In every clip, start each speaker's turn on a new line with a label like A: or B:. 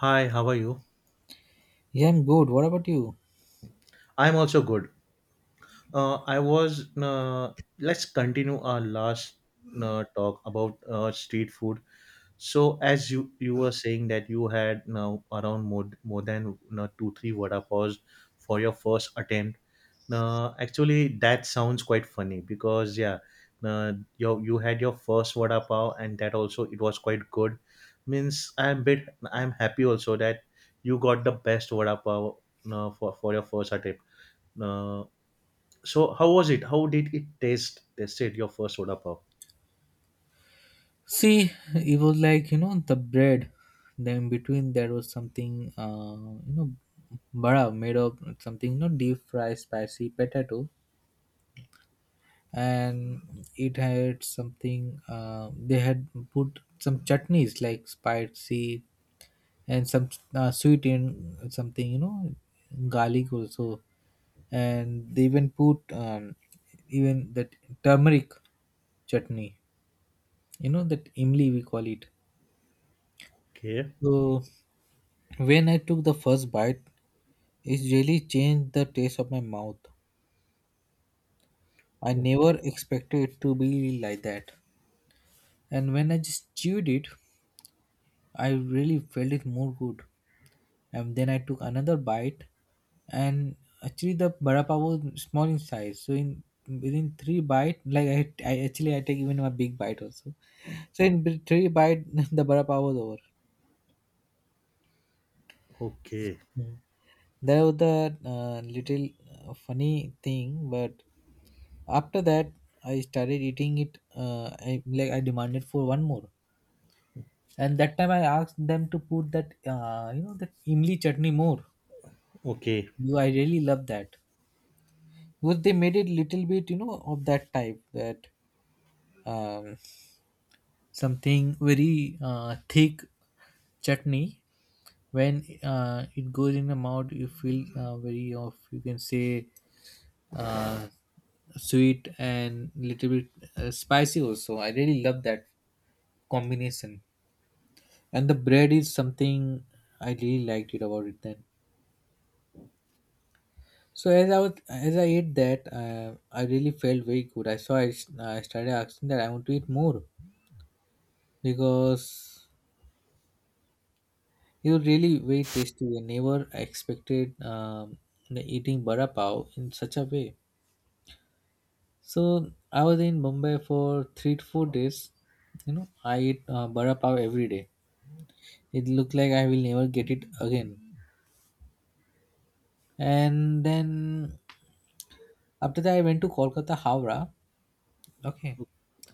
A: Hi, how are you?
B: Yeah, I'm good. What about you?
A: I'm also good. I was. Let's continue our last talk about street food. So as you were saying that you had now around more than two three vada paws for your first attempt. Now actually that sounds quite funny because yeah, uh, you had your first vada pav and that also it was quite good. Means I'm happy also that you got the best vada pav for your first attempt. Uh, so how was it? How did it taste? Tasted your first vada pav?
B: See, it was like, the bread. Then between there was something, bara made of something, deep fried spicy potato. And it had something, they had put some chutneys like spicy and some sweet and something, garlic also. And they even put even that turmeric chutney, you know, that imli we call it.
A: Okay,
B: So when I took the first bite, it really changed the taste of my mouth. I
A: okay,
B: never expected it to be like that. And when I just chewed it, I really felt it more good. And then I took another bite, and actually the vada pav was small in size. So in within three bite, like I actually I take even a big bite also. So in three bite, the vada pav was over.
A: okay,
B: Hmm. There was the little funny thing, but after that I started eating it. Like I demanded for one more, and that time I asked them to put that you know that imli chutney more.
A: okay.
B: I really love that. But they made it little bit of that type that um, something very thick chutney when it goes in the mouth you feel very of you can say uh, sweet and little bit spicy also. I really love that combination. And the bread is something I really liked it about it then. So as I ate that, I really felt very good. I started asking that I want to eat more because it was really very tasty. I never expected the eating bara pav in such a way. So I was in Mumbai for 3 to 4 days. You know, I eat bara pav every day. It looked like I will never get it again. And then after that, I went to Kolkata, Howrah. Okay,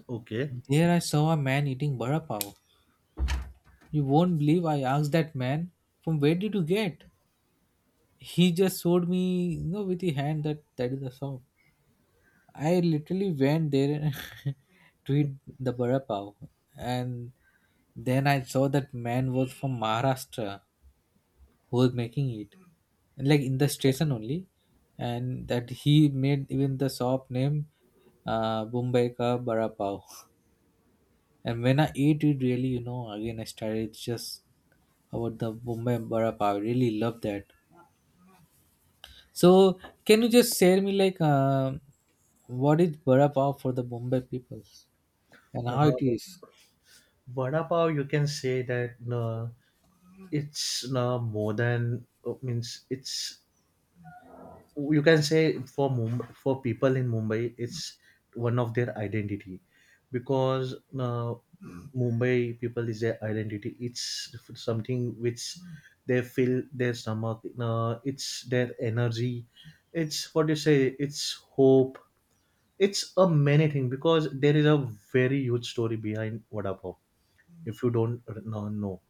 A: Okay.
B: there I saw a man eating bara pav. You won't believe, I asked that man, "From where did you get?" He just showed me, with the hand that that is the shop. I literally went there to eat the vada pav, and then I saw that man was from Maharashtra who was making it, and like in the station only, and that he made even the shop name Bombay ka vada pav. And when I ate it, really, again I started just about the Bombay vada pav. I really love that. So, can you just share me like what is vada pav for the Bombay people? And how it
A: Uh,
B: is?
A: vada pav, you can say that it's more than means it's you can say for Mumbai, for people in Mumbai, it's one of their identity because Mumbai people is their identity. It's something which they feel their stomach. It's their energy. It's what you say. It's hope. It's a many thing because there is a very huge story behind vada pav if you don't know.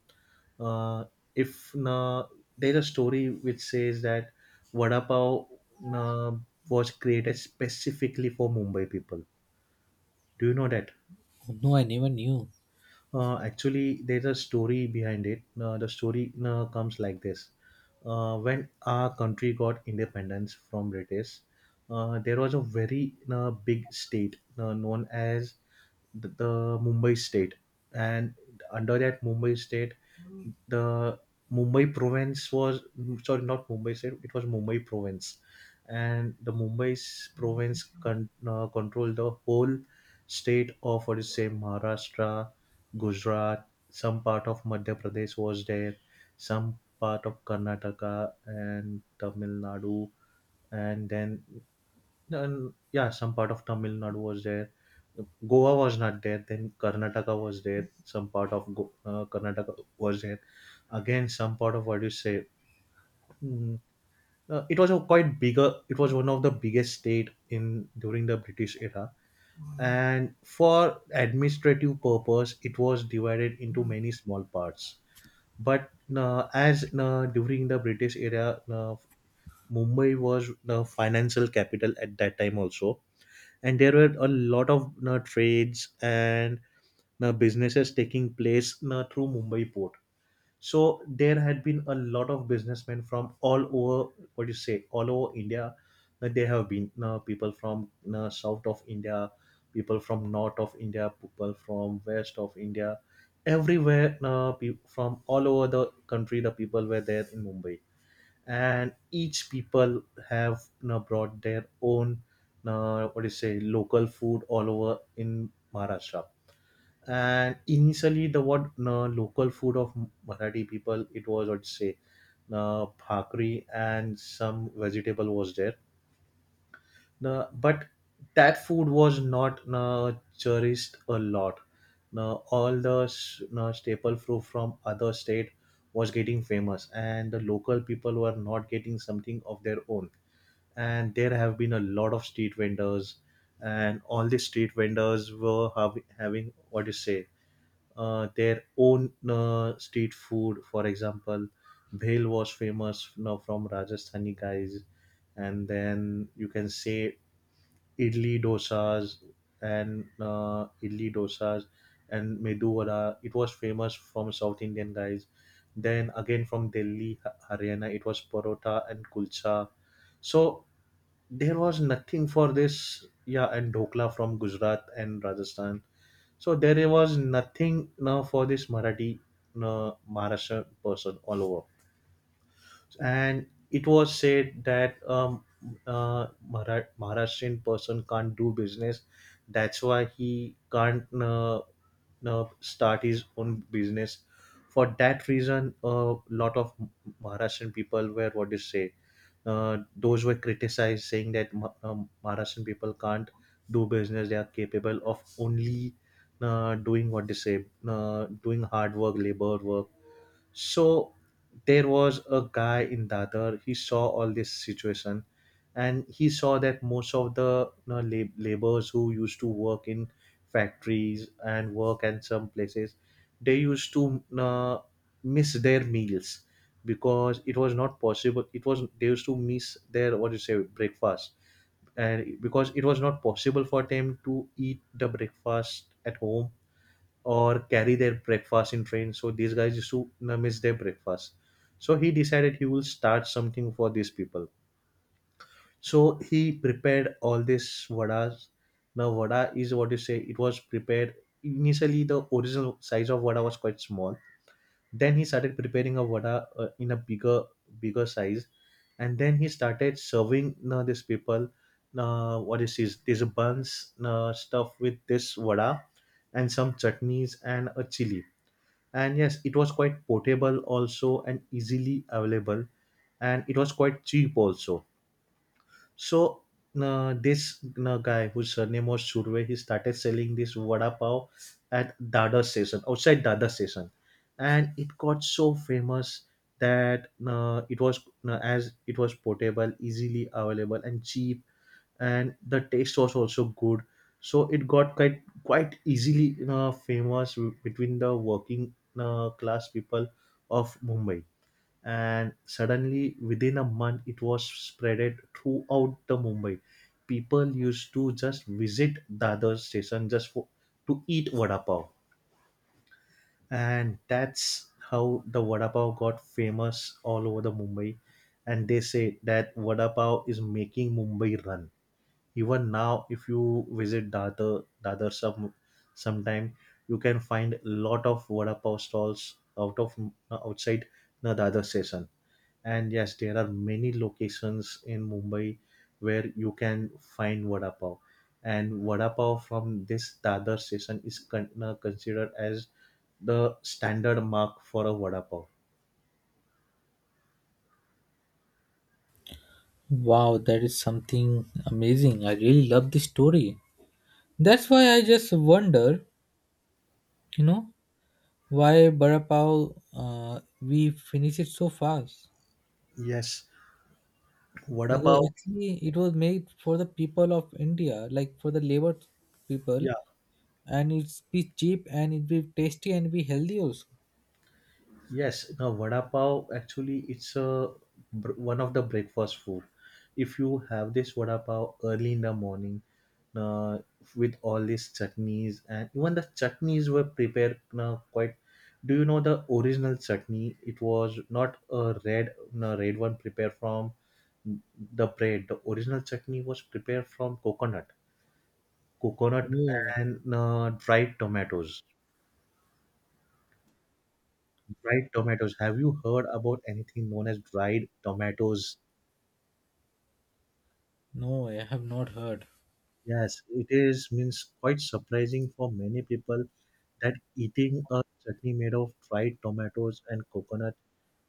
A: Uh, if there's a story which says that vada pav uh, was created specifically for Mumbai people. Do you know that?
B: No, I never knew.
A: Actually, there's a story behind it. The story comes like this: when our country got independence from British, there was a very big state known as the Mumbai state, and under that Mumbai state, the Mumbai province was sorry, not Mumbai state. It was Mumbai province, and the Mumbai province controlled the whole state of what is say Maharashtra, Gujarat, some part of Madhya Pradesh was there, some part of Karnataka and Tamil Nadu, and then and yeah, some part of Tamil Nadu was there. Goa was not there. Then Karnataka was there. Some part of Karnataka was there. Again, some part of what do you say? mm, it was a quite bigger. It was one of the biggest state in during the British era. And for administrative purpose, it was divided into many small parts. But as during the British era, Mumbai was the financial capital at that time also, and there were a lot of trades and businesses taking place through Mumbai port, so there had been a lot of businessmen from all over, what do you say, all over India. There have been people from south of India, people from north of India, people from west of India, everywhere from all over the country. The people were there in Mumbai, and each people have brought their own, what do you say, local food all over in Maharashtra. And initially the what local food of marathi people, it was I'd say bhakri and some vegetable was there. But that food was not cherished a lot. Now all the staple food from other state was getting famous and the local people were not getting something of their own, and there have been a lot of street vendors and all the street vendors were having what do you say their own street food. For example, bhel was famous now from Rajasthani guys, and then you can say idli dosas idli dosas and medu vada. It was famous from South Indian guys. Then again from Delhi, Haryana, it was parota and kulcha. So there was nothing for this, yeah, and dhokla from gujarat and rajasthan, so there was nothing now for this marathi maharashtra person all over, and it was said that Maharashtrian person can't do business. That's why he can't start his own business. For that reason, a lot of Maharashtrian people were what they say those were criticized saying that Maharashtrian people can't do business. They are capable of only doing what they say, doing hard work, labor work. So there was a guy in Dadar. He saw all this situation, and he saw that most of the laborers who used to work in factories and work at some places, they used to you miss their meals because it was not possible. It was they used to miss their what do you say breakfast, and because it was not possible for them to eat the breakfast at home or carry their breakfast in train. So these guys used to you miss their breakfast. So he decided he will start something for these people. So he prepared all this vadas. Now vada is what you say. It was prepared initially. The original size of vada was quite small. Then he started preparing a vada in a bigger size, and then he started serving you these people. What is this? There's a buns stuff with this vada and some chutneys and a chili, and yes it was quite portable also and easily available and it was quite cheap also. So this guy whose surname was Surve, he started selling this vada pav at dada station, outside dada station, and it got so famous that it was as it was portable, easily available and cheap, and the taste was also good, so it got quite easily you famous between the working class people of mumbai, and suddenly within a month it was spreaded throughout the mumbai. People used to just visit dadar station just for to eat vada pav, and that's how the vada pav got famous all over the mumbai, and they say that vada pav is making mumbai run. Even now if you visit dadar sometime, you can find lot of vada pav stalls out of outside the dadar station, and yes there are many locations in mumbai where you can find vada pav, and vada pav from this dadar station is considered as the standard mark for a vada pav.
B: Wow, that is something amazing. I really love this story. That's why I just wonder, you know, why Barapao we finish it so fast.
A: Yes, vada pav,
B: Because actually, it was made for the people of India, like for the labor people,
A: yeah.
B: and it's be cheap and it be tasty and be healthy also.
A: Yes, now vada pav actually it's a one of the breakfast food. If you have this vada pav early in the morning, uh, with all these chutneys and even the chutneys were prepared quite. Do you know the original chutney? It was not a red, no, red one prepared from the bread. The original chutney was prepared from coconut
B: Oh
A: and dried tomatoes. Dried tomatoes. Have you heard about anything known as dried tomatoes?
B: no, I have not heard.
A: Yes, it is means quite surprising for many people that eating a chutney made of dried tomatoes and coconut,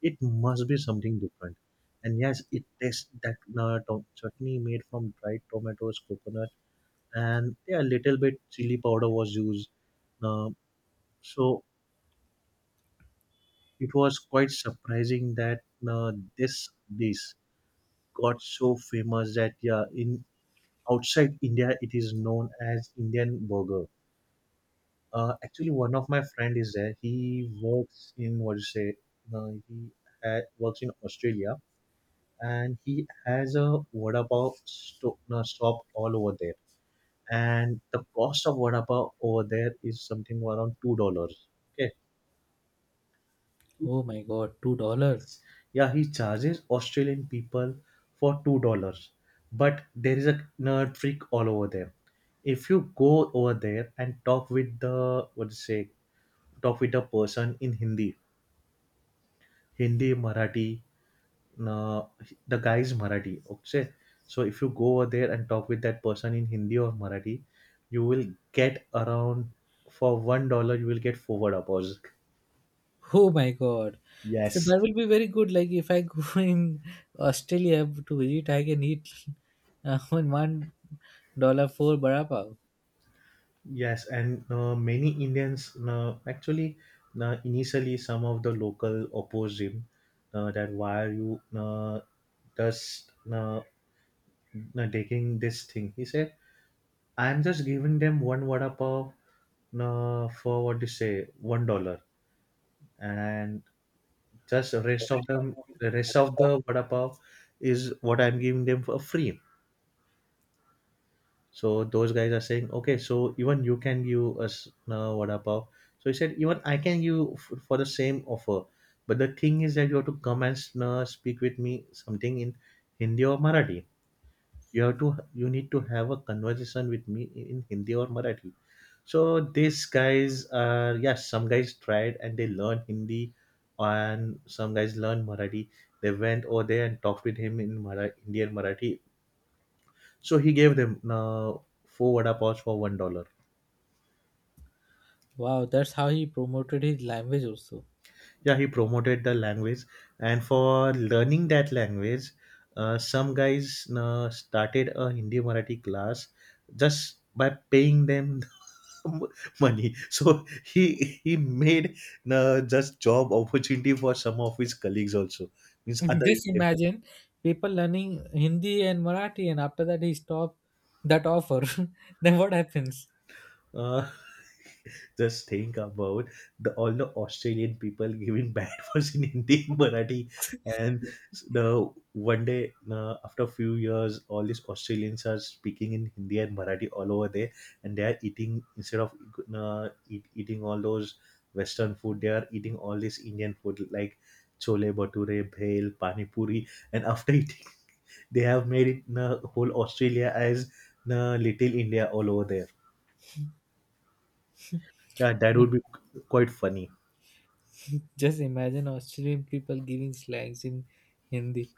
A: it must be something different. And yes, it tastes that chutney made from dried tomatoes, coconut, and yeah, a little bit chili powder was used. Uh, so it was quite surprising that this dish got so famous that yeah, in outside India, it is known as Indian burger. Actually, one of my friend is there. He works in what do you say? He works in Australia, and he has a vada pav shop all over there. And the cost of vada pav over there is something around $2. Okay.
B: Oh my God, $2.
A: Yeah, he charges Australian people for $2, but there is a nerd freak all over there. If you go over there and talk with the what to say, talk with the person in Hindi, Marathi, uh, the guy is Marathi. Okay, so if you go over there and talk with that person in Hindi or Marathi, you will get around for $1. You will get 4 hours.
B: Oh my God. So
A: Yes.
B: that will be very good. Like if I go in Australia to visit, I can eat one one dollar for bara pav.
A: Yes, and many Indians actually initially some of the local opposed him that why are you just taking this thing. He said, "I'm just giving them one vada pav for what do you say $1, and just the rest of the vada pav is what I'm giving them for free." So those guys are saying, okay, so even you can give us vada pav. So he said, even I can give for the same offer. But the thing is that you have to come and speak with me something in Hindi or Marathi. You have to, you need to have a conversation with me in Hindi or Marathi. So these guys are, yes, some guys tried and they learned Hindi and some guys learned Marathi. They went over there and talked with him in Indian Marathi, so he gave them four vada paws for $1.
B: Wow, that's how he promoted his language also.
A: Yeah, he promoted the language, and for learning that language, some guys started a Hindi Marathi class just by paying them money. So he made just job opportunity for some of his colleagues also, means other
B: Just
A: Indians.
B: imagine people learning Hindi and Marathi, and after that he stopped that offer. Then what happens?
A: Uh, Just think about the all the Australian people giving bad words in Hindi and Marathi, and the one day after a few years, all these Australians are speaking in Hindi and Marathi all over there, and they are eating instead of eating all those Western food, they are eating all this Indian food like chole bhature, bhel, pani puri, and after eating, they have made it whole Australia as little India all over there. Yeah, that would be quite funny.
B: Just imagine Australian people giving slangs in Hindi.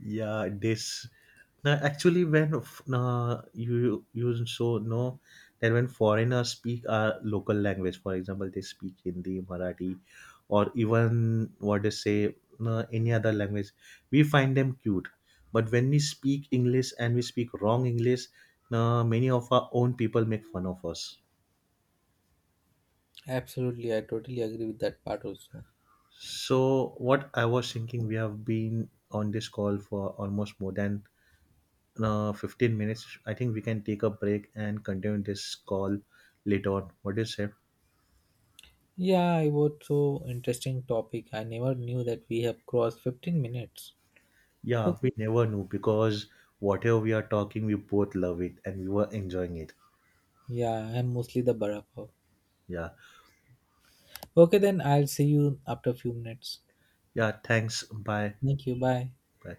A: Yeah, this. Now, actually, when you so know that when foreigners speak our local language, for example, they speak Hindi, Marathi, or even what they say any other language, we find them cute. But when we speak English and we speak wrong English, many of our own people make fun of us.
B: Absolutely, I totally agree with that part also.
A: So, what I was thinking, we have been on this call for almost more than 15 minutes. I think we can take a break and continue this call later on. What do you say?
B: Yeah, it was so interesting topic. I never knew that we have crossed 15 minutes.
A: Yeah,
B: Okay.
A: we never knew because whatever we are talking, we both love it and we were enjoying it.
B: Yeah, I'm mostly the Barapa.
A: Yeah.
B: Okay, then I'll see you after a few minutes.
A: Yeah. Thanks. Bye.
B: Thank you. Bye.
A: Bye.